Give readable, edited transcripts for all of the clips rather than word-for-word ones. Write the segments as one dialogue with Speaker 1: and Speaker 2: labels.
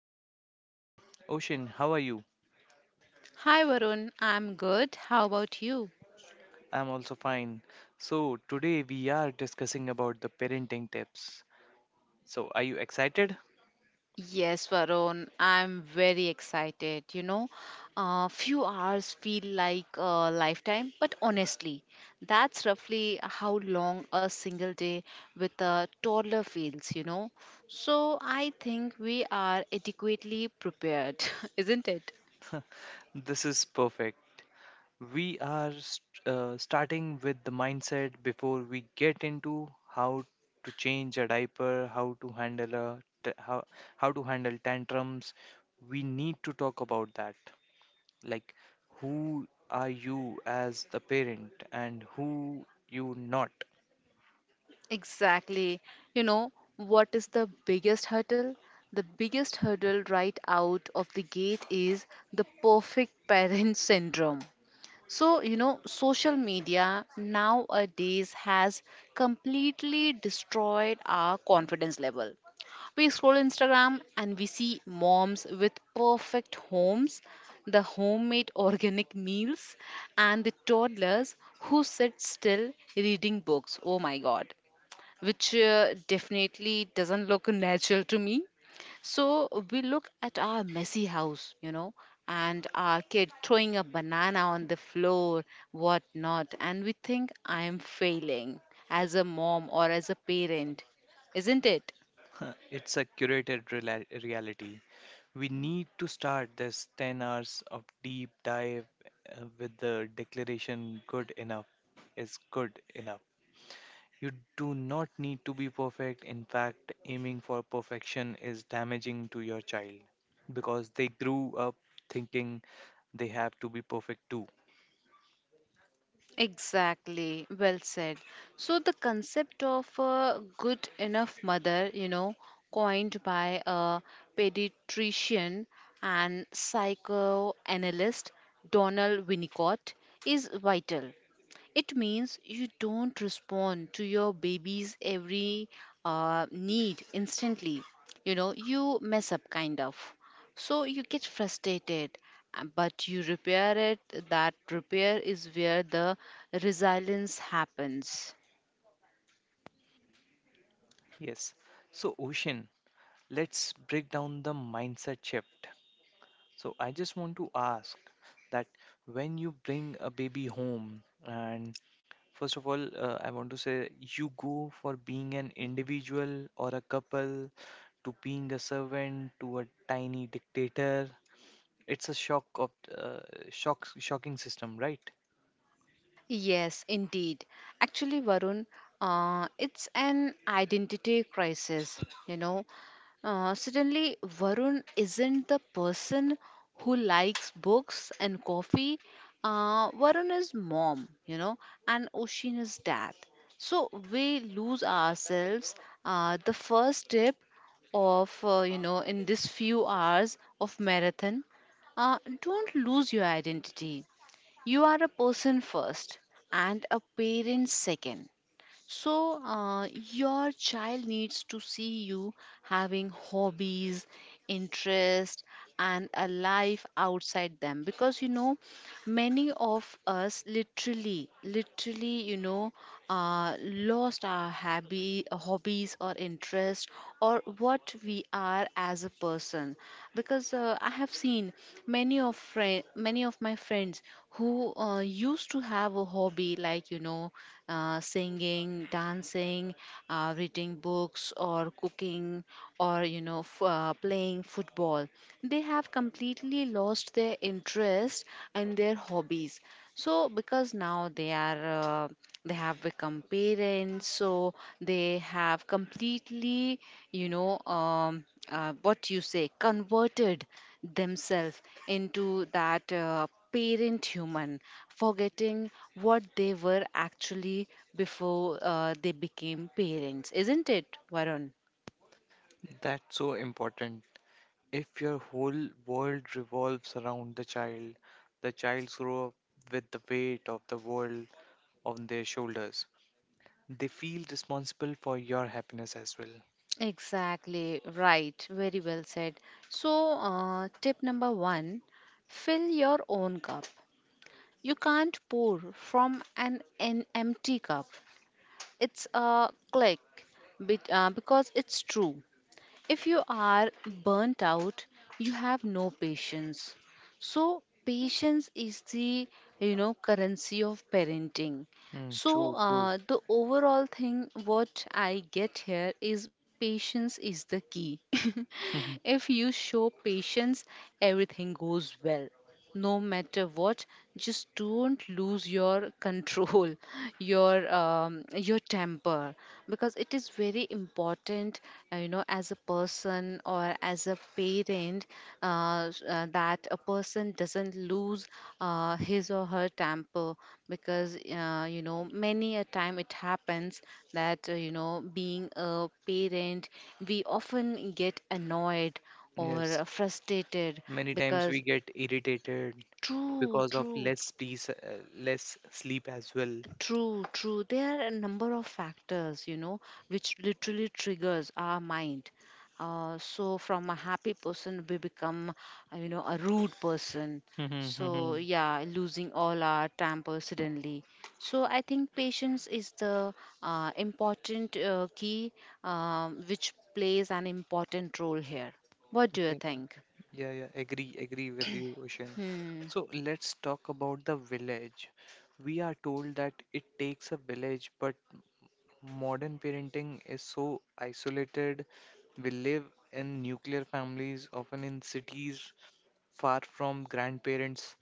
Speaker 1: have Ocean. Ocean, how are you?
Speaker 2: Hi Varun, I'm good. How about you?
Speaker 1: I'm also fine. So, today we are discussing about the parenting tips. So, are you excited?
Speaker 2: Yes, Varun, I'm very excited. Few hours feel like a lifetime, but honestly, that's roughly how long a single day with a toddler feels. So I think we are adequately prepared, isn't it?
Speaker 1: This is perfect. We are starting with the mindset before we get into how to change a diaper, how to handle how to handle tantrums. We need to talk about that. Like, who are you as the parent and who you not?
Speaker 2: Exactly. What is the biggest hurdle? The biggest hurdle right out of the gate is the perfect parent syndrome. So, social media nowadays has completely destroyed our confidence level. We scroll Instagram and we see moms with perfect homes, the homemade organic meals, and the toddlers who sit still reading books. Oh my God, which, definitely doesn't look natural to me. So we look at our messy house, and our kid throwing a banana on the floor, whatnot, and we think I am failing as a mom or as a parent, isn't it?
Speaker 1: It's a curated reality. We need to start this 10 hours of deep dive with the declaration good enough is good enough. You do not need to be perfect. In fact, aiming for perfection is damaging to your child because they grew up thinking they have to be perfect too.
Speaker 2: Exactly, well said. So, the concept of a good enough mother, coined by a pediatrician and psychoanalyst Donald Winnicott, is vital. It means you don't respond to your baby's every need instantly. You mess up kind of. So you get frustrated, but you repair it. That repair is where the resilience happens.
Speaker 1: Yes. So, Ocean, let's break down the mindset shift. So I just want to ask that when you bring a baby home, and first of all, I want to say you go for being an individual or a couple to being a servant to a tiny dictator. It's a shock of shocking system, right?
Speaker 2: Yes, indeed. Actually, Varun, it's an identity crisis. Suddenly Varun isn't the person who likes books and coffee. Varun is mom, and Oshin is dad. So we lose ourselves. The first step of, in this few hours of marathon, don't lose your identity. You are a person first and a parent second. So, your child needs to see you having hobbies, interest, and a life outside them because many of us literally, lost our hobbies or interest or what we are as a person. Because I have seen many of my friends who used to have a hobby like singing, dancing, reading books, or cooking, or playing football. They have completely lost their interest and their hobbies, so because now they are, uh, they have become parents, so they have completely you know what you say converted themselves into that parent human, forgetting what they were actually before they became parents, isn't it, Varun?
Speaker 1: That's so important. If your whole world revolves around the child grow up with the weight of the world on their shoulders. They feel responsible for your happiness as well.
Speaker 2: Exactly, right. Very well said. So, tip number one, fill your own cup. You can't pour from an empty cup. It's a click because it's true. If you are burnt out, you have no patience. So patience is the currency of parenting.
Speaker 1: Hmm,
Speaker 2: So
Speaker 1: true, true.
Speaker 2: the overall thing what I get here is patience is the key. If you show patience, everything goes well. No matter what, just don't lose your control, your temper, because it is very important, as a person or as a parent, that a person doesn't lose his or her temper, because many a time it happens that being a parent we often get annoyed or
Speaker 1: Yes,
Speaker 2: frustrated
Speaker 1: many times
Speaker 2: because
Speaker 1: we get irritated
Speaker 2: true,
Speaker 1: because of
Speaker 2: true.
Speaker 1: less peace, less sleep as well.
Speaker 2: True, true. There are a number of factors, which literally triggers our mind. So from a happy person, we become, a rude person. So yeah, losing all our temper suddenly. So I think patience is the important key, which plays an important role here. What do you
Speaker 1: Okay,
Speaker 2: think?
Speaker 1: okay. Yeah, yeah, agree, agree with you, Ocean.
Speaker 2: Hmm.
Speaker 1: So let's talk about the village. We are told that it takes a village, but modern parenting is so isolated. We live in nuclear families, often in cities, far from grandparents.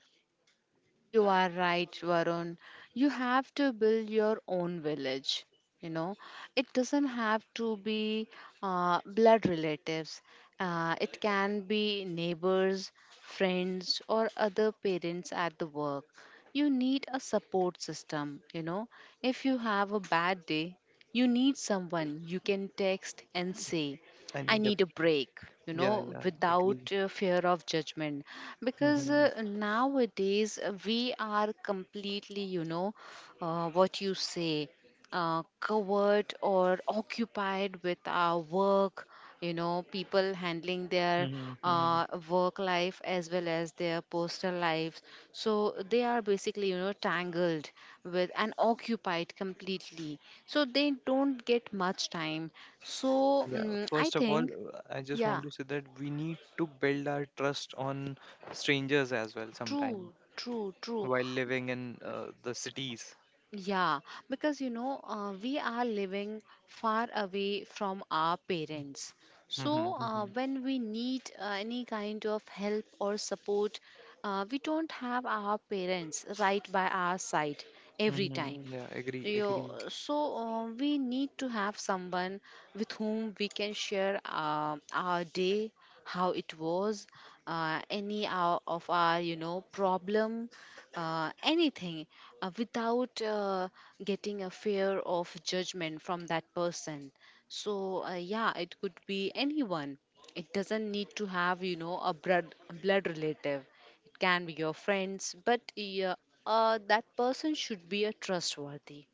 Speaker 2: You are right, Varun. You have to build your own village. You know, it doesn't have to be blood relatives. It can be neighbors, friends, or other parents at the work. You need a support system. If you have a bad day, you need someone you can text and say,
Speaker 1: I
Speaker 2: I
Speaker 1: need a
Speaker 2: need a break,
Speaker 1: Yeah, yeah, agree.
Speaker 2: without fear of judgment. Because
Speaker 1: Mm-hmm,
Speaker 2: uh, nowadays we are completely, you know, what you say covered or occupied with our work. People handling their
Speaker 1: mm-hmm, mm-hmm.
Speaker 2: work life as well as their personal lives, so they are basically tangled with and occupied completely, so they don't get much time. So,
Speaker 1: Yeah,
Speaker 2: I
Speaker 1: first of all,
Speaker 2: think,
Speaker 1: I just
Speaker 2: yeah,
Speaker 1: want to say that we need to build our trust on strangers as well sometime.
Speaker 2: true, true, true.
Speaker 1: While living in the cities.
Speaker 2: Yeah, because we are living far away from our parents.
Speaker 1: Mhm,
Speaker 2: So,
Speaker 1: mhm,
Speaker 2: when we need any kind of help or support, we don't have our parents right by our side every
Speaker 1: mhm.
Speaker 2: time.
Speaker 1: Yeah, agree, agree.
Speaker 2: Yo, so we need to have someone with whom we can share our day, how it was, of our problem, anything, without getting a fear of judgment from that person. So yeah, it could be anyone. It doesn't need to have a blood relative. It can be your friends, but yeah, that person should be a trustworthy.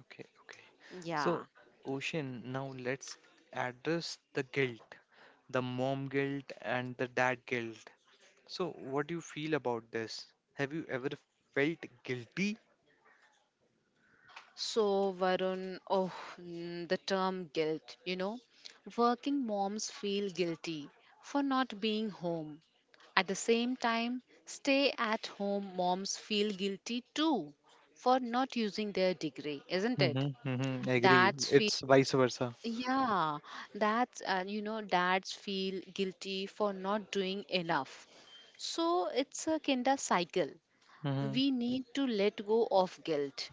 Speaker 1: Okay, okay. So,
Speaker 2: Yeah.
Speaker 1: Ocean, now let's address the guilt, the mom guilt and the dad guilt. So, what do you feel about this? Have you ever felt guilty?
Speaker 2: So, Varun, the term guilt, working moms feel guilty for not being home. At the same time, stay at home moms feel guilty too for not using their degree, isn't it?
Speaker 1: Mm-hmm, mm-hmm, agree.
Speaker 2: Dads feel,
Speaker 1: It's vice versa.
Speaker 2: yeah, dads feel guilty for not doing enough. So, it's a kind of cycle.
Speaker 1: Mm-hmm.
Speaker 2: We need to let go of guilt.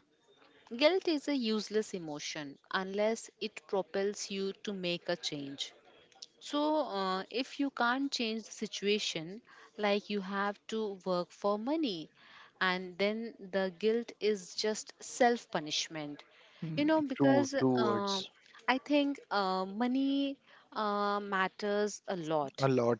Speaker 2: Guilt is a useless emotion unless it propels you to make a change. So, if you can't change the situation, like you have to work for money, and then the guilt is just self punishment. You know,
Speaker 1: True,
Speaker 2: because
Speaker 1: true words.
Speaker 2: I think money matters a
Speaker 1: A
Speaker 2: lot,
Speaker 1: lot.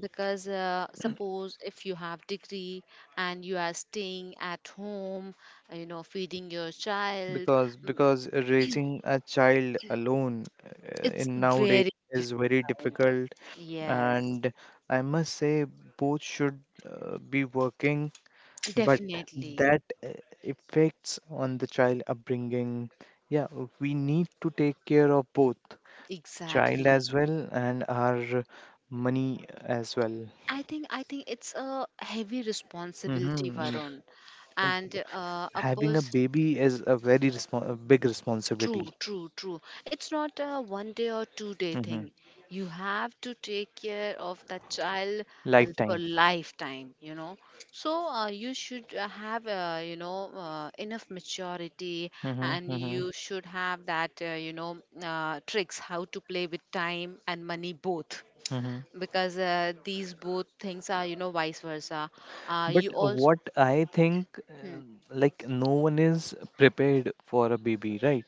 Speaker 2: because suppose if you have degree and you are staying at home, feeding your child.
Speaker 1: Because raising a child alone
Speaker 2: It's
Speaker 1: in nowadays
Speaker 2: very
Speaker 1: is very
Speaker 2: difficult.
Speaker 1: difficult,
Speaker 2: Yes,
Speaker 1: and I must say both should be working, but
Speaker 2: definitely.
Speaker 1: that affects on the child upbringing. Yeah, we need to take care of both child
Speaker 2: Exactly.
Speaker 1: as well and our money as well.
Speaker 2: I think it's a heavy responsibility,
Speaker 1: Hmm.
Speaker 2: Varun, and a
Speaker 1: Having a
Speaker 2: person.
Speaker 1: baby is a big
Speaker 2: True,
Speaker 1: responsibility.
Speaker 2: true, true. It's not a one day or 2 day
Speaker 1: Hmm.
Speaker 2: thing. You have to take care of that child for
Speaker 1: Lifetime.
Speaker 2: lifetime. So you should have, enough maturity,
Speaker 1: Hmm,
Speaker 2: and
Speaker 1: hmm.
Speaker 2: you should have that, tricks how to play with time and money both.
Speaker 1: Mhm.
Speaker 2: Because these both things are, vice versa. Uh,
Speaker 1: But
Speaker 2: you also,
Speaker 1: what I think,
Speaker 2: hmm,
Speaker 1: like no one is prepared for a baby, right?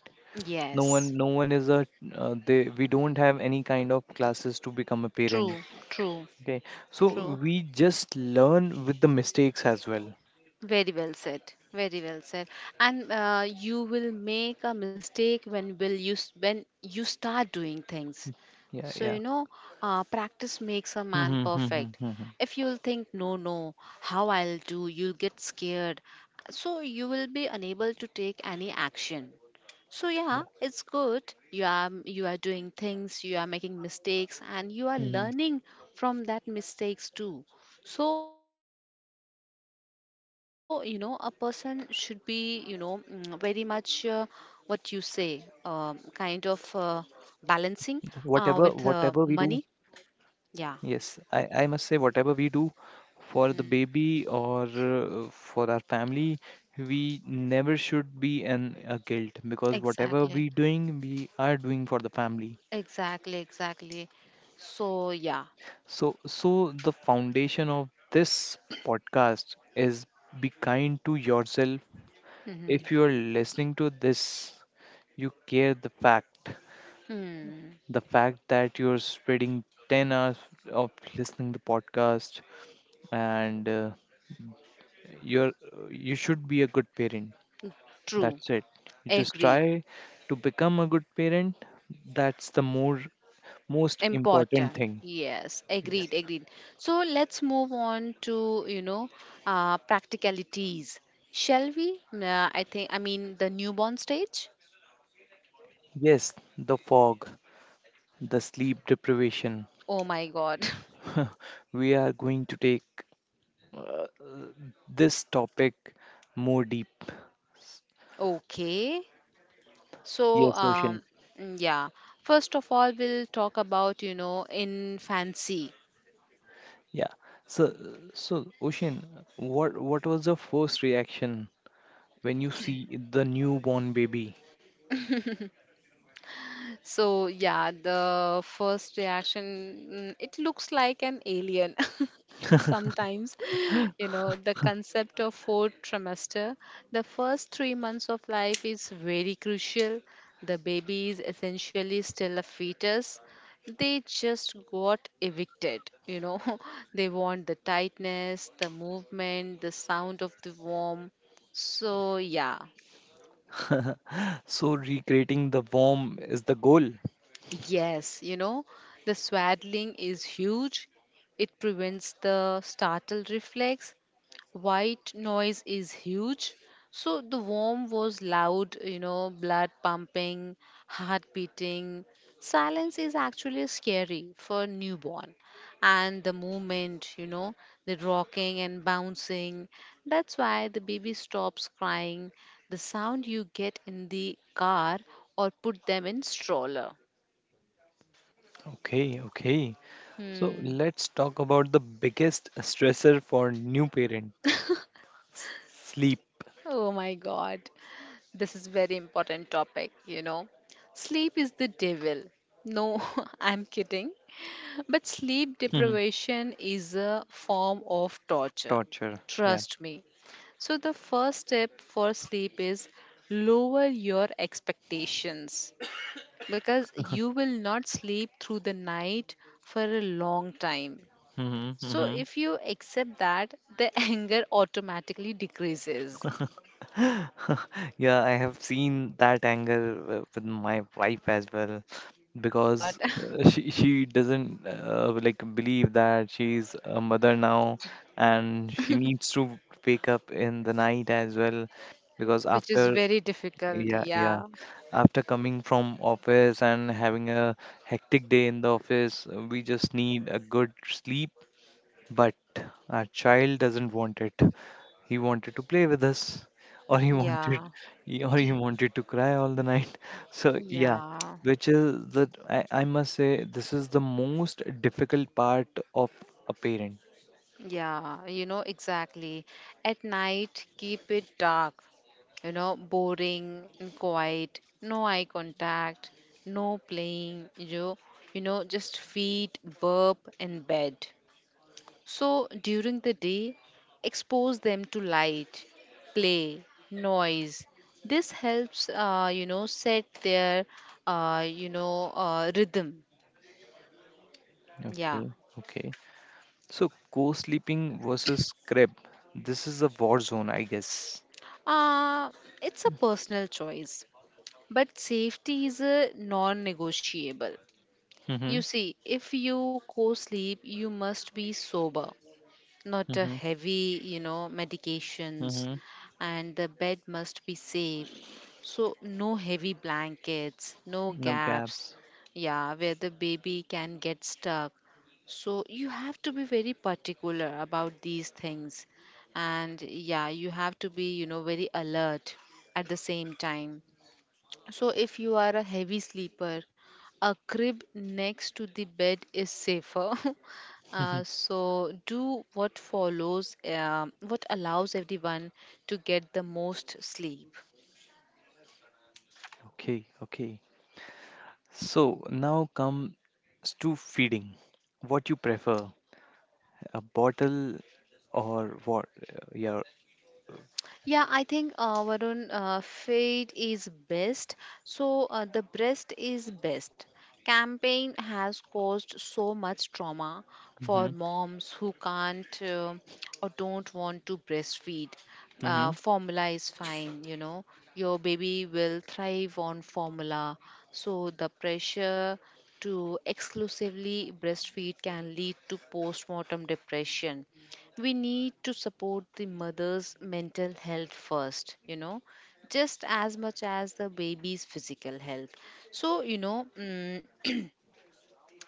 Speaker 1: No one,
Speaker 2: yes,
Speaker 1: no one is a. They we don't have any kind of classes to become a parent.
Speaker 2: true, true,
Speaker 1: Okay, so
Speaker 2: true.
Speaker 1: we just learn with the mistakes as well.
Speaker 2: Very well said. Very well said. And you will make a mistake when you start doing things.
Speaker 1: Yeah,
Speaker 2: So
Speaker 1: yeah.
Speaker 2: practice makes a man
Speaker 1: Mm-hmm, mm-hmm,
Speaker 2: perfect.
Speaker 1: mm-hmm.
Speaker 2: If you'll think no, no, how I'll do, you'll get scared. So you will be unable to take any action. So yeah,
Speaker 1: Yeah.
Speaker 2: it's good. You are doing things, you are making mistakes, and you are
Speaker 1: Hmm.
Speaker 2: learning from that mistakes too. So, a person should be, very much kind of balancing
Speaker 1: Whatever, whatever
Speaker 2: with
Speaker 1: we do,
Speaker 2: money.
Speaker 1: yes,
Speaker 2: Yeah.
Speaker 1: I must say, whatever we do for the
Speaker 2: Mm,
Speaker 1: baby or for our family, we never should be in a guilt because whatever
Speaker 2: exactly.
Speaker 1: we doing, we are doing for the family.
Speaker 2: Exactly, exactly. So, yeah.
Speaker 1: So, the foundation of this podcast is be kind to yourself.
Speaker 2: Hmm.
Speaker 1: If you are listening to this, you care the fact,
Speaker 2: Hmm.
Speaker 1: the fact that you're spreading 10 hours of listening the podcast, and you're you should be a good parent.
Speaker 2: True.
Speaker 1: That's it. You just
Speaker 2: Agree.
Speaker 1: try to become a good parent. That's the more most important
Speaker 2: Important,
Speaker 1: thing.
Speaker 2: yes, agreed,
Speaker 1: Yes,
Speaker 2: agreed. So let's move on to, practicalities, shall we? I think I mean the newborn stage.
Speaker 1: yes, the fog, the sleep deprivation,
Speaker 2: Oh my God.
Speaker 1: we are going to take this topic more deep.
Speaker 2: Okay. So
Speaker 1: Yes, Ocean.
Speaker 2: yeah, first of all we'll talk about infancy.
Speaker 1: Yeah. So so Ocean, what was your first reaction when you see the newborn baby?
Speaker 2: So yeah, the first reaction, it looks like an alien. Sometimes, the concept of fourth trimester, the first 3 months of life is very crucial. The baby is essentially still a fetus. They just got evicted. They want the tightness, the movement, the sound of the warm. So yeah,
Speaker 1: So recreating the warm is the goal.
Speaker 2: yes, the swaddling is huge. It prevents the startle reflex. White noise is huge. So the warm was loud, blood pumping, heart beating. Silence is actually scary for newborn. And the movement, the rocking and bouncing. That's why the baby stops crying. The sound you get in the car or put them in stroller.
Speaker 1: Okay, okay. So
Speaker 2: Hmm.
Speaker 1: let's talk about the biggest stressor for new parent, s- sleep.
Speaker 2: Oh my God. This is very important topic. Sleep is the devil. No, I'm kidding. But sleep
Speaker 1: Mhm.
Speaker 2: deprivation is a form of torture.
Speaker 1: Torture. Yeah.
Speaker 2: Trust me. So the first step for sleep is lower your expectations, because you will not sleep through the night for a long time.
Speaker 1: Hmm,
Speaker 2: So
Speaker 1: hmm.
Speaker 2: if you accept that, the anger automatically decreases.
Speaker 1: Yeah, I have seen that anger with my wife as well,
Speaker 2: God,
Speaker 1: because she doesn't like believe that she's a mother now and she needs to wake up in the night as well because
Speaker 2: which
Speaker 1: after.
Speaker 2: is very difficult.
Speaker 1: Yeah, yeah.
Speaker 2: Yeah,
Speaker 1: After coming from office and having a hectic day in the office, we just need a good sleep, but our child doesn't want it. He wanted to play with us, or
Speaker 2: yeah,
Speaker 1: or he wanted to cry all the night. So yeah,
Speaker 2: yeah,
Speaker 1: which is the I must say this is the most difficult part of a parent.
Speaker 2: yeah. Exactly. At night, keep it dark, boring and quiet, no eye contact, no playing, just feet, burp, and bed. So during the day, expose them to light, play, noise. This helps, set their, rhythm. Yeah.
Speaker 1: Okay, okay. So co-sleeping versus crib. This is a war zone, I guess.
Speaker 2: Uh, it's a personal choice, but safety is a non negotiable.
Speaker 1: Mm-hmm.
Speaker 2: You see, if you co sleep, you must be sober, not a
Speaker 1: Mm-hmm.
Speaker 2: heavy, medications,
Speaker 1: Mm-hmm.
Speaker 2: and the bed must be safe. So, no heavy blankets, no
Speaker 1: No
Speaker 2: gaps,
Speaker 1: gaps.
Speaker 2: yeah, where the baby can get stuck. So, you have to be very particular about these things, and yeah, you have to be, very alert at the same time. So, if you are a heavy sleeper, a crib next to the bed is safer. Uh, so, do what follows, what allows everyone to get the most sleep.
Speaker 1: Okay, okay. So now comes to feeding. What you prefer, a bottle or what? Yeah.
Speaker 2: Yeah, I think Varun, fate is best. So the breast is best campaign has caused so much trauma
Speaker 1: Mm-hmm.
Speaker 2: for moms who can't, or don't want to breastfeed.
Speaker 1: Mm-hmm.
Speaker 2: Formula is fine, you know. Your baby will thrive on formula. So the pressure to exclusively breastfeed can lead to postmortem depression. We need to support the mother's mental health first, you know, just as much as the baby's physical health. So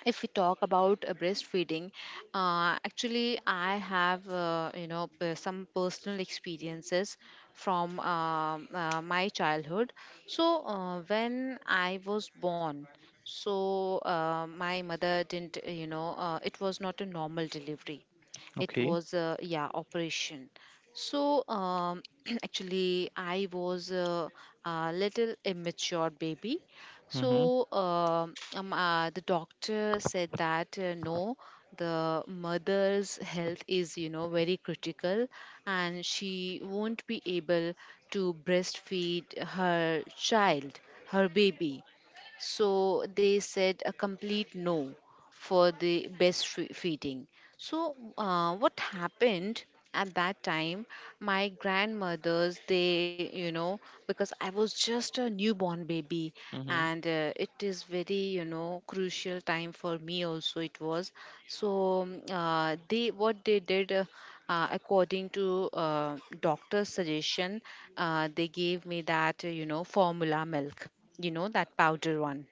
Speaker 2: if we talk about breastfeeding, actually I have some personal experiences from my childhood. So when I was born, so my mother didn't, it was not a normal delivery. It
Speaker 1: Okay.
Speaker 2: was, yeah, operation. So um, actually I was a little immature baby.
Speaker 1: Mm-hmm.
Speaker 2: So the doctor said that, no, the mother's health is, you know, very critical, and she won't be able to breastfeed her child, her baby. So they said a complete no for the breastfeeding. So, what happened at that time? My grandmothers, they, you know, because I was just a newborn baby,
Speaker 1: Mm-hmm.
Speaker 2: and it is very, you know, crucial time for me also. It was so. They, what they did, according to doctor's suggestion, they gave me that, you know, formula milk. You know, that powder one.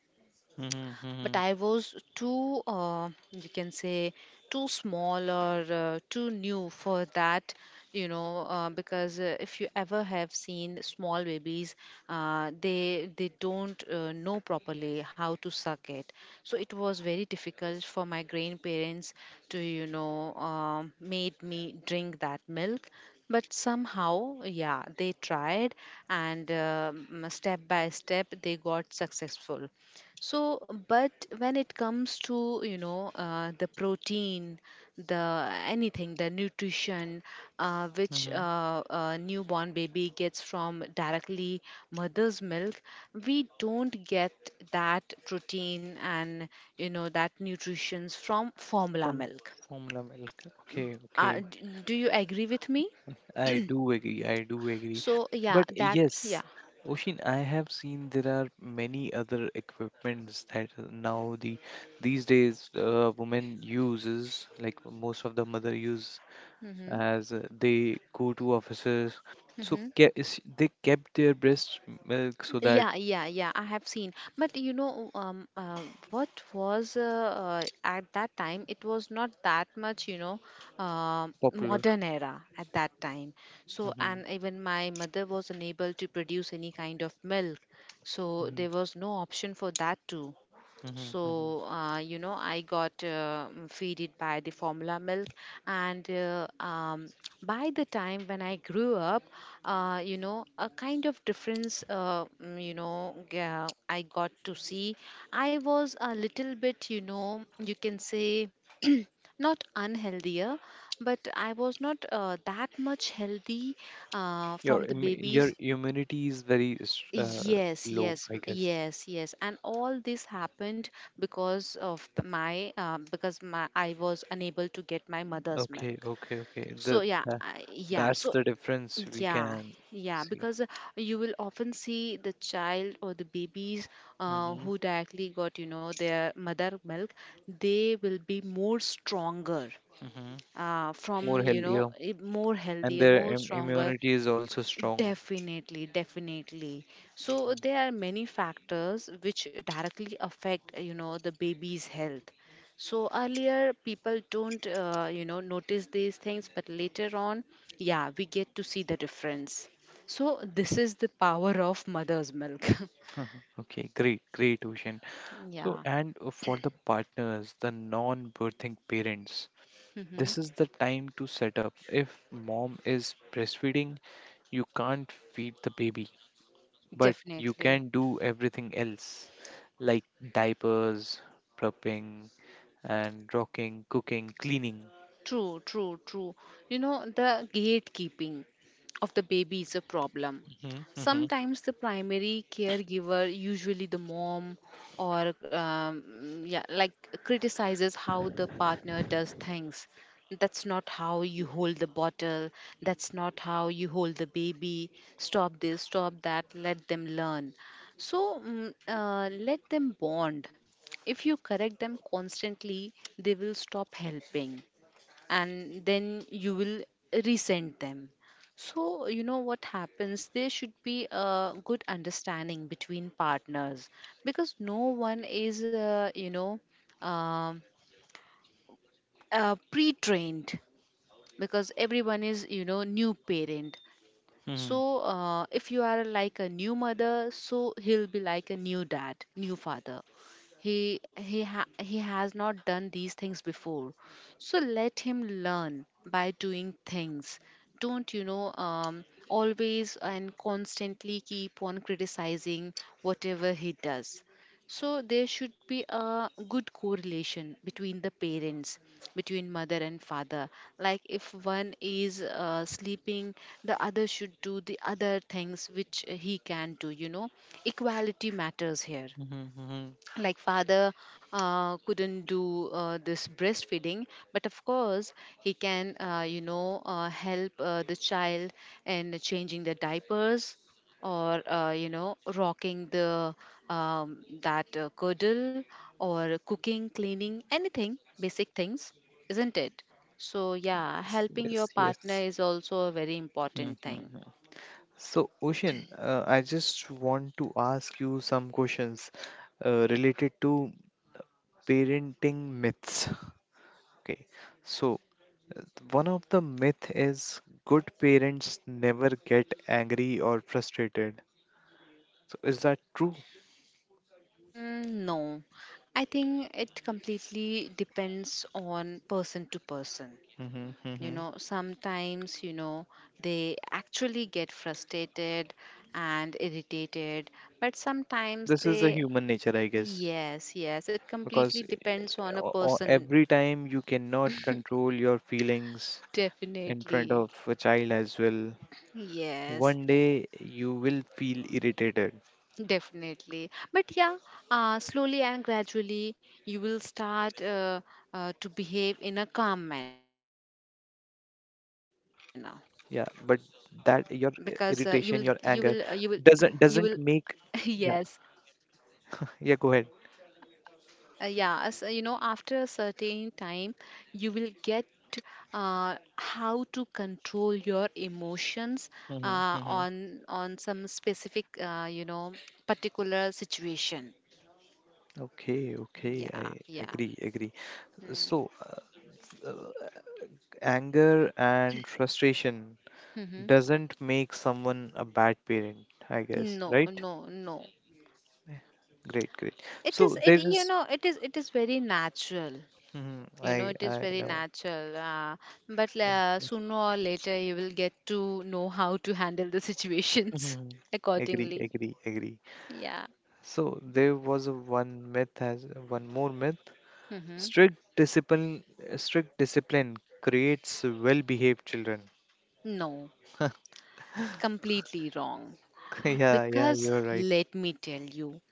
Speaker 2: But
Speaker 1: Mm-hmm.
Speaker 2: I was too, you can say, too small or too new for that, because if you ever have seen small babies, they don't know properly how to suck it. So it was very difficult for my grandparents to, you know, made me drink that milk. But somehow, yeah, they tried, and step by step, they got successful. So, but when it comes to, you know, the protein, the anything, the nutrition, which
Speaker 1: Mm-hmm.
Speaker 2: a newborn baby gets from directly mother's milk, we don't get that protein and, you know, that nutritions from formula
Speaker 1: From
Speaker 2: milk.
Speaker 1: formula milk. Okay, okay.
Speaker 2: Do you agree with me?
Speaker 1: I do agree. I do agree.
Speaker 2: So, yeah,
Speaker 1: But
Speaker 2: that, yeah.
Speaker 1: yes, Oshin, I have seen there are many other equipments that now the these days women uses like most of the mother use
Speaker 2: Hmm.
Speaker 1: as they go to offices. So they kept their breast milk so that
Speaker 2: Yeah, yeah, yeah, I have seen, but you know, what was at that time? It was not that much, you know,
Speaker 1: popular.
Speaker 2: modern era at that time. So,
Speaker 1: Hmm,
Speaker 2: and even my mother was unable to produce any kind of milk, so
Speaker 1: hmm,
Speaker 2: there was no option for that too.
Speaker 1: hmm, hmm.
Speaker 2: So, you know, I got feeded by the formula milk. And by the time when I grew up, you know, a kind of difference, you know, I got to see. I was a little bit, you know, you can say, not unhealthier but I was not that much healthy from
Speaker 1: Your
Speaker 2: the babies.
Speaker 1: immunity is very
Speaker 2: Yes,
Speaker 1: low,
Speaker 2: yes,
Speaker 1: I guess.
Speaker 2: yes, yes, and all this happened because my because my I was unable to get my mother's
Speaker 1: Okay,
Speaker 2: milk.
Speaker 1: okay, okay.
Speaker 2: So yeah,
Speaker 1: The
Speaker 2: yeah,
Speaker 1: That's
Speaker 2: so
Speaker 1: the difference we
Speaker 2: yeah,
Speaker 1: can
Speaker 2: yeah,
Speaker 1: see.
Speaker 2: because you will often see the child or the babies
Speaker 1: Hmm,
Speaker 2: who directly got, you know, their mother milk, they will be more stronger,
Speaker 1: hmm. More
Speaker 2: from you know
Speaker 1: healthier,
Speaker 2: more
Speaker 1: and
Speaker 2: healthier,
Speaker 1: their
Speaker 2: more stronger.
Speaker 1: immunity is also strong.
Speaker 2: Definitely, definitely. So there are many factors which directly affect, you know, the baby's health. So earlier people don't, you know, notice these things, but later on, yeah, we get to see the difference. So this is the power of mother's milk.
Speaker 1: Mhm. Okay, great, great, Ocean. So,
Speaker 2: Yeah,
Speaker 1: and for the partners, the non-birthing parents,
Speaker 2: hmm,
Speaker 1: this is the time to set up. If mom is breastfeeding, you can't feed the baby, but you
Speaker 2: definitely.
Speaker 1: can do everything else, like diapers, prepping, and rocking, cooking, cleaning.
Speaker 2: True, true, true. You know, the gatekeeping of the baby is a problem.
Speaker 1: Mhm, mhm,
Speaker 2: Sometimes the primary caregiver, usually the mom, or yeah, like criticizes how the partner does things. That's not how you hold the bottle. That's not how you hold the baby. Stop this, stop that. Let them learn. So let them bond. If you correct them constantly, they will stop helping, and then you will resent them. So you know what happens, there should be a good understanding between partners, because no one is, you know, um pre-trained, because everyone is, you know, new parent. So
Speaker 1: mhm,
Speaker 2: if you are like a new mother, so he'll be like a new dad, new father. He he has not done these things before, so let him learn by doing things. Don't, you know, always and constantly keep on criticizing whatever he does. So there should be a good correlation between the parents, between mother and father. Like if one is sleeping, the other should do the other things which he can do, you know. Equality matters here.
Speaker 1: mhm, mhm.
Speaker 2: Like father couldn't do this breastfeeding, but of course he can, you know, help the child in changing the diapers, or you know, rocking the that curdle, or cooking, cleaning, anything basic things, isn't it? So yeah,
Speaker 1: Yes,
Speaker 2: helping your
Speaker 1: yes,
Speaker 2: partner
Speaker 1: yes.
Speaker 2: is also a very
Speaker 1: Mhm,
Speaker 2: important thing.
Speaker 1: mhm. So, Ocean, I just want to ask you some questions related to parenting myths. Okay, so one of the myth is good parents never get angry or frustrated. So, is that true?
Speaker 2: No, I think it completely depends on person to person.
Speaker 1: Mhm,
Speaker 2: You
Speaker 1: mhm.
Speaker 2: know, sometimes, you know, they actually get frustrated and irritated, but sometimes
Speaker 1: This is a
Speaker 2: they,
Speaker 1: human nature, I guess.
Speaker 2: yes, yes, it completely
Speaker 1: Because
Speaker 2: depends on a person,
Speaker 1: every time you cannot control your feelings in front
Speaker 2: definitely.
Speaker 1: of a child as well,
Speaker 2: Yes,
Speaker 1: one day you will feel irritated.
Speaker 2: definitely. But yeah, slowly and gradually, you will start to behave in a calm manner,
Speaker 1: Yeah, but that your
Speaker 2: because you will you
Speaker 1: irritation, your
Speaker 2: will uh, you will
Speaker 1: anger
Speaker 2: you will
Speaker 1: doesn't make.
Speaker 2: yes.
Speaker 1: Yeah, yeah, go ahead.
Speaker 2: Yeah, as you know, after a certain time you will get how to control your emotions
Speaker 1: Hmm, hmm.
Speaker 2: on some specific, you know, particular situation.
Speaker 1: Okay, okay,
Speaker 2: Yeah,
Speaker 1: I
Speaker 2: yeah.
Speaker 1: agree, agree. So, uh, anger and frustration
Speaker 2: Hmm.
Speaker 1: doesn't make someone a bad parent, I guess,
Speaker 2: No,
Speaker 1: right?
Speaker 2: no, no,
Speaker 1: Great, great.
Speaker 2: it
Speaker 1: So
Speaker 2: is,
Speaker 1: there
Speaker 2: it you
Speaker 1: is,
Speaker 2: know, it is very natural.
Speaker 1: mhm,
Speaker 2: You know,
Speaker 1: I,
Speaker 2: it is
Speaker 1: I
Speaker 2: very
Speaker 1: know.
Speaker 2: natural. Uh, but
Speaker 1: Yeah,
Speaker 2: uh,
Speaker 1: yeah.
Speaker 2: sooner or later, you will get to know how to handle the situations
Speaker 1: Mhm. Agree,
Speaker 2: accordingly.
Speaker 1: agree, agree.
Speaker 2: Yeah.
Speaker 1: So there was a one myth has one more myth.
Speaker 2: Hmm.
Speaker 1: Strict discipline, strict discipline creates well-behaved children.
Speaker 2: No, completely wrong.
Speaker 1: Yeah, yeah,
Speaker 2: Because
Speaker 1: you're right.
Speaker 2: let me tell you,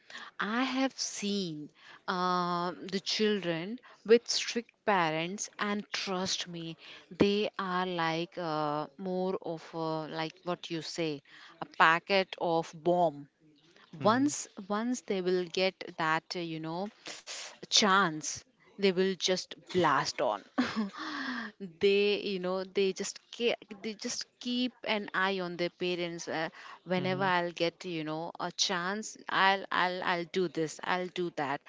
Speaker 2: I have seen the children with strict parents, and trust me, they are like more of a, like what you say, a packet of bomb.
Speaker 1: Mhm,
Speaker 2: Once they will get that, you know, chance, they will just blast on. They, you know, they just keep an eye on their parents. Whenever
Speaker 1: mhm,
Speaker 2: I'll get, you know, a chance, I'll do this, I'll do that.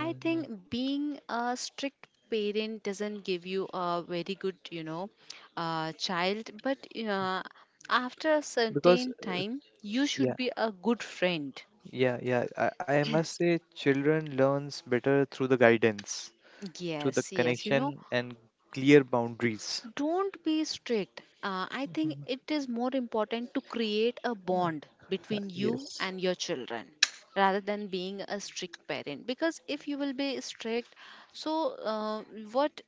Speaker 2: I
Speaker 1: mhm.
Speaker 2: think being a strict parent doesn't give you a very good, you know, child. But uh, after a
Speaker 1: Because
Speaker 2: certain time you should
Speaker 1: Yeah,
Speaker 2: be a good friend.
Speaker 1: yeah, yeah. I must say, children learns better through the guidance, through the
Speaker 2: Yes, yes. You know,
Speaker 1: connection and clear boundaries.
Speaker 2: don't be strict. I think
Speaker 1: Mhm.
Speaker 2: it is more important to create a bond between you
Speaker 1: Yes.
Speaker 2: and your children rather than being a strict parent. Because if you will be strict, so uh, what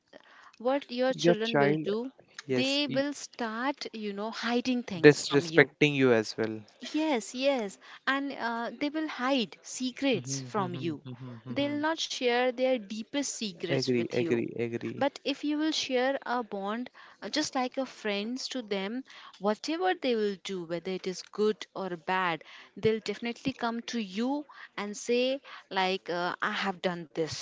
Speaker 2: what your
Speaker 1: Your
Speaker 2: children will
Speaker 1: child,
Speaker 2: do,
Speaker 1: yes,
Speaker 2: they will start, you know, hiding things from you.
Speaker 1: disrespecting you as well.
Speaker 2: Yes, yes. And they will hide secrets
Speaker 1: Mhm,
Speaker 2: from
Speaker 1: mhm,
Speaker 2: you.
Speaker 1: mhm,
Speaker 2: They'll
Speaker 1: mhm,
Speaker 2: not share their deepest secrets
Speaker 1: agree,
Speaker 2: with you.
Speaker 1: agree, agree.
Speaker 2: But if you will share a bond, just like a friends to them, whatever they will do, whether it is good or bad, they'll definitely come to you and say, like, I have done this,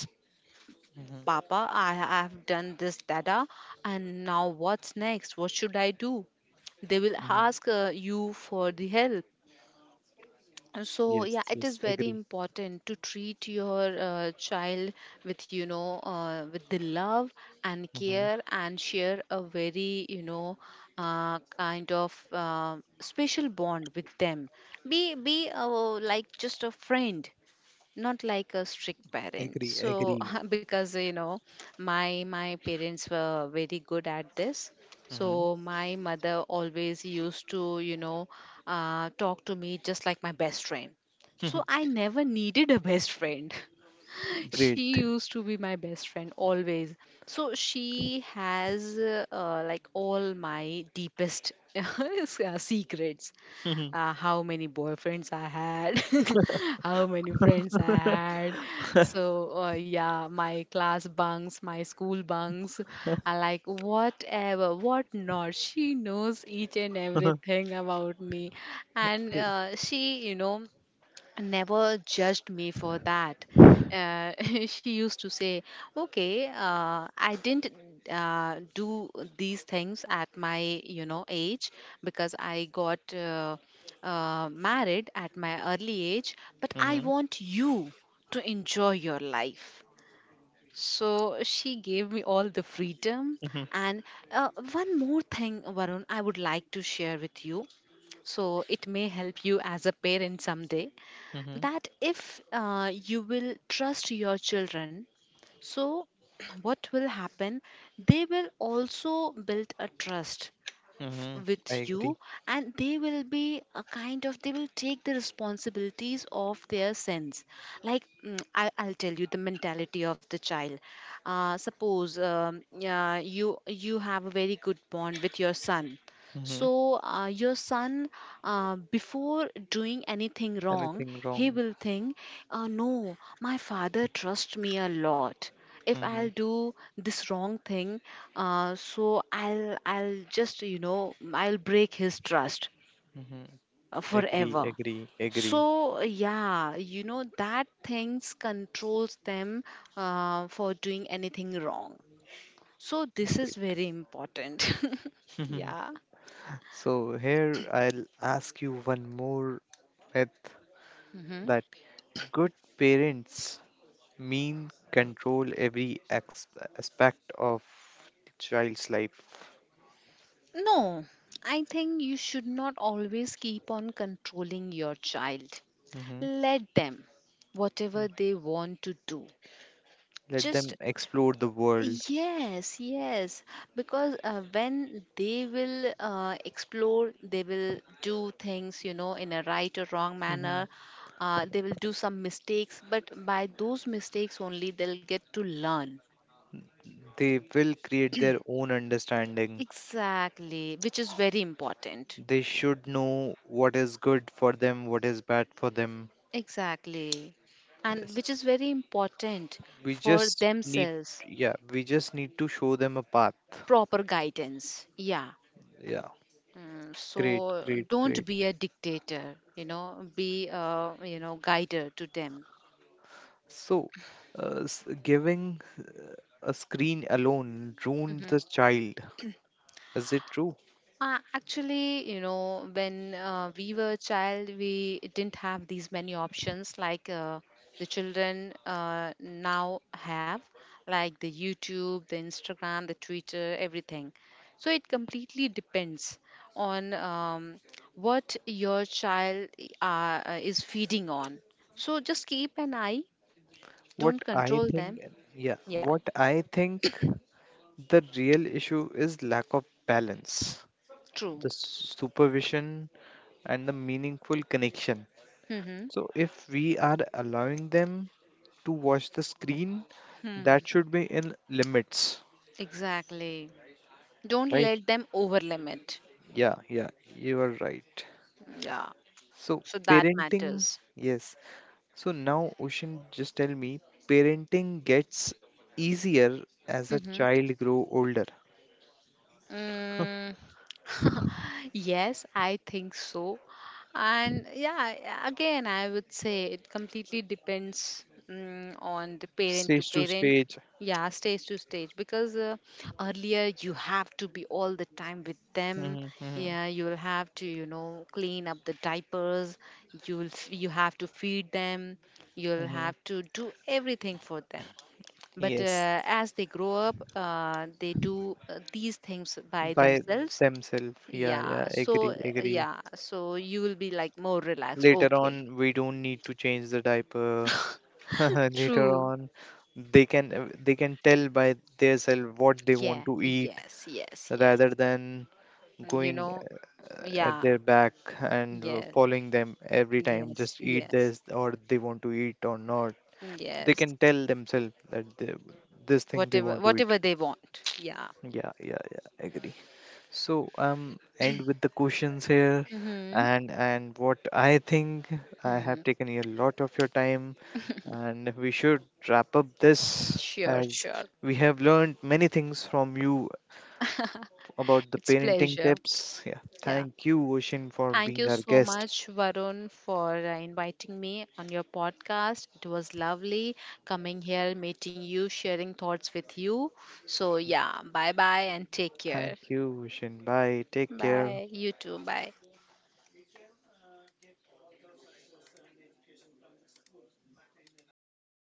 Speaker 1: Mhm,
Speaker 2: Papa, I have done this, Dada, and now what's next? What should I do? They will
Speaker 1: mhm,
Speaker 2: ask, you for the help. So
Speaker 1: yes,
Speaker 2: yeah, it is
Speaker 1: yes,
Speaker 2: very
Speaker 1: agree,
Speaker 2: important to treat your child with, you know, with the love and
Speaker 1: mhm,
Speaker 2: care, and share a very, you know, kind of special bond with them. Be like just a friend, not like a strict parent.
Speaker 1: agree,
Speaker 2: So
Speaker 1: agree.
Speaker 2: because you know, my parents were very good at this.
Speaker 1: Mhm,
Speaker 2: So my mother always used to, you know, talk to me just like my best friend.
Speaker 1: mhm.
Speaker 2: So I never needed a best friend. She
Speaker 1: Great.
Speaker 2: used to be my best friend always. So she has, like all my deepest secrets. How many boyfriends I had, how many friends I
Speaker 1: Mhm,
Speaker 2: had. So, yeah, my class bunks, my school bunks, I like whatever, what not. She knows each and everything about me. And
Speaker 1: okay,
Speaker 2: she, you know, never judged me for that. Uh, she used to say, "Okay, I didn't do these things at my, you know, age, because I got, married at my early age, but I
Speaker 1: mhm,
Speaker 2: want you to enjoy your life." So she gave me all the freedom.
Speaker 1: mhm,
Speaker 2: And one more thing, Varun, I would like to share with you. So it may help you as a parent someday,
Speaker 1: mhm,
Speaker 2: that if you will trust your children, so what will happen, they will also build a trust
Speaker 1: mhm, I
Speaker 2: with
Speaker 1: agree.
Speaker 2: you, and they will be a kind of, they will take the responsibilities of their sins. Like I'll tell you the mentality of the child. Suppose yeah, you have a very good bond with your son.
Speaker 1: Mhm,
Speaker 2: So your son, before doing anything wrong,
Speaker 1: anything
Speaker 2: he
Speaker 1: wrong?
Speaker 2: will think, no, my father trusts me a lot. If
Speaker 1: Mhm,
Speaker 2: I'll do this wrong thing, so I'll just, you know, I'll break his trust
Speaker 1: mhm. Agree,
Speaker 2: forever.
Speaker 1: agree, agree.
Speaker 2: So yeah, you know, that things controls them for doing anything wrong. So this is
Speaker 1: Great.
Speaker 2: very important.
Speaker 1: Mhm.
Speaker 2: Yeah.
Speaker 1: So here I'll ask you one more myth
Speaker 2: Mhm.
Speaker 1: that good parents mean control every aspect of the child's life.
Speaker 2: No, I think you should not always keep on controlling your child.
Speaker 1: Hmm.
Speaker 2: Let them, whatever they want to do.
Speaker 1: Let
Speaker 2: Just
Speaker 1: them explore the world.
Speaker 2: yes, yes, because when they will explore, they will do things, you know, in a right or wrong
Speaker 1: Hmm.
Speaker 2: manner. They will do some mistakes, but by those mistakes only they'll get to learn.
Speaker 1: They will create their own understanding.
Speaker 2: Exactly, which is very important.
Speaker 1: They should know what is good for them, what is bad for them.
Speaker 2: Exactly, and
Speaker 1: Yes.
Speaker 2: which is very important
Speaker 1: We
Speaker 2: for
Speaker 1: just need,
Speaker 2: themselves.
Speaker 1: yeah, we just need to show them a path.
Speaker 2: Proper guidance. Yeah.
Speaker 1: Yeah. Great,
Speaker 2: So
Speaker 1: great,
Speaker 2: don't
Speaker 1: great.
Speaker 2: be a dictator, you know, be a, you know, guider to them.
Speaker 1: So, s- giving a screen alone ruined
Speaker 2: Hmm.
Speaker 1: the child. Is it true?
Speaker 2: Actually, you know, when we were a child, we didn't have these many options like, the children now have, like the YouTube, the Instagram, the Twitter, everything. So it completely depends on what your child is feeding on. So just keep an eye.
Speaker 1: What
Speaker 2: Don't
Speaker 1: I
Speaker 2: control them.
Speaker 1: think, yeah,
Speaker 2: Yeah,
Speaker 1: what I think the real issue is lack of balance,
Speaker 2: true.
Speaker 1: the supervision, and the meaningful connection.
Speaker 2: Mm-hmm.
Speaker 1: So, if we are allowing them to watch the screen,
Speaker 2: Hmm.
Speaker 1: that should be in limits,
Speaker 2: Exactly. Don't
Speaker 1: right?
Speaker 2: let them over limit.
Speaker 1: Yeah, yeah, you are right.
Speaker 2: Yeah.
Speaker 1: So,
Speaker 2: So that
Speaker 1: parenting,
Speaker 2: matters.
Speaker 1: yes, so now, Ocean, just tell me, parenting gets easier as a
Speaker 2: Mm-hmm.
Speaker 1: child grow older,
Speaker 2: Mm, yes, I think so. And yeah, again, I would say it completely depends on the parent to
Speaker 1: stage to
Speaker 2: parent.
Speaker 1: stage.
Speaker 2: Yeah, stage to stage. Because earlier you have to be all the time with them.
Speaker 1: Hmm, hmm,
Speaker 2: Yeah, you will have to, you know, clean up the diapers. You have to feed them. You'll
Speaker 1: hmm.
Speaker 2: have to do everything for them. But
Speaker 1: Yes,
Speaker 2: as they grow up, they do these things by
Speaker 1: by
Speaker 2: themselves.
Speaker 1: themselves. Yeah, yeah,
Speaker 2: Yeah. So,
Speaker 1: agree, agree.
Speaker 2: yeah. So you will be like more relaxed.
Speaker 1: Later
Speaker 2: Okay.
Speaker 1: on, we don't need to change the diaper. Later
Speaker 2: True.
Speaker 1: on, they can tell by themselves what they
Speaker 2: Yeah.
Speaker 1: want to eat
Speaker 2: Yes. Yes. Yes.
Speaker 1: rather than
Speaker 2: You
Speaker 1: going
Speaker 2: know.
Speaker 1: at
Speaker 2: Yeah.
Speaker 1: their back and
Speaker 2: Yeah.
Speaker 1: following them every time,
Speaker 2: Yes.
Speaker 1: just eat
Speaker 2: Yes.
Speaker 1: this or they want to eat or not. They can
Speaker 2: Yes.
Speaker 1: tell themselves that this thing they
Speaker 2: Whatever.
Speaker 1: want to eat.
Speaker 2: Whatever they want. Yeah.
Speaker 1: Yeah, yeah, yeah, agree. So end with the questions here.
Speaker 2: Mm-hmm.
Speaker 1: And what I think, I
Speaker 2: Mm-hmm.
Speaker 1: have taken a lot of your time, and we should wrap up this
Speaker 2: Sure.
Speaker 1: as
Speaker 2: Sure.
Speaker 1: we have learned many things from you about the
Speaker 2: It's
Speaker 1: parenting
Speaker 2: pleasure.
Speaker 1: tips. Yeah,
Speaker 2: Yeah.
Speaker 1: thank you, Ocean, for
Speaker 2: Thank
Speaker 1: being
Speaker 2: you
Speaker 1: our
Speaker 2: so
Speaker 1: guest.
Speaker 2: much, Varun, for inviting me on your podcast. It was lovely coming here, meeting you, sharing thoughts with you. So, yeah, bye bye and take care.
Speaker 1: Thank you, Vishen. Bye. Take care.
Speaker 2: Bye. You too. Bye.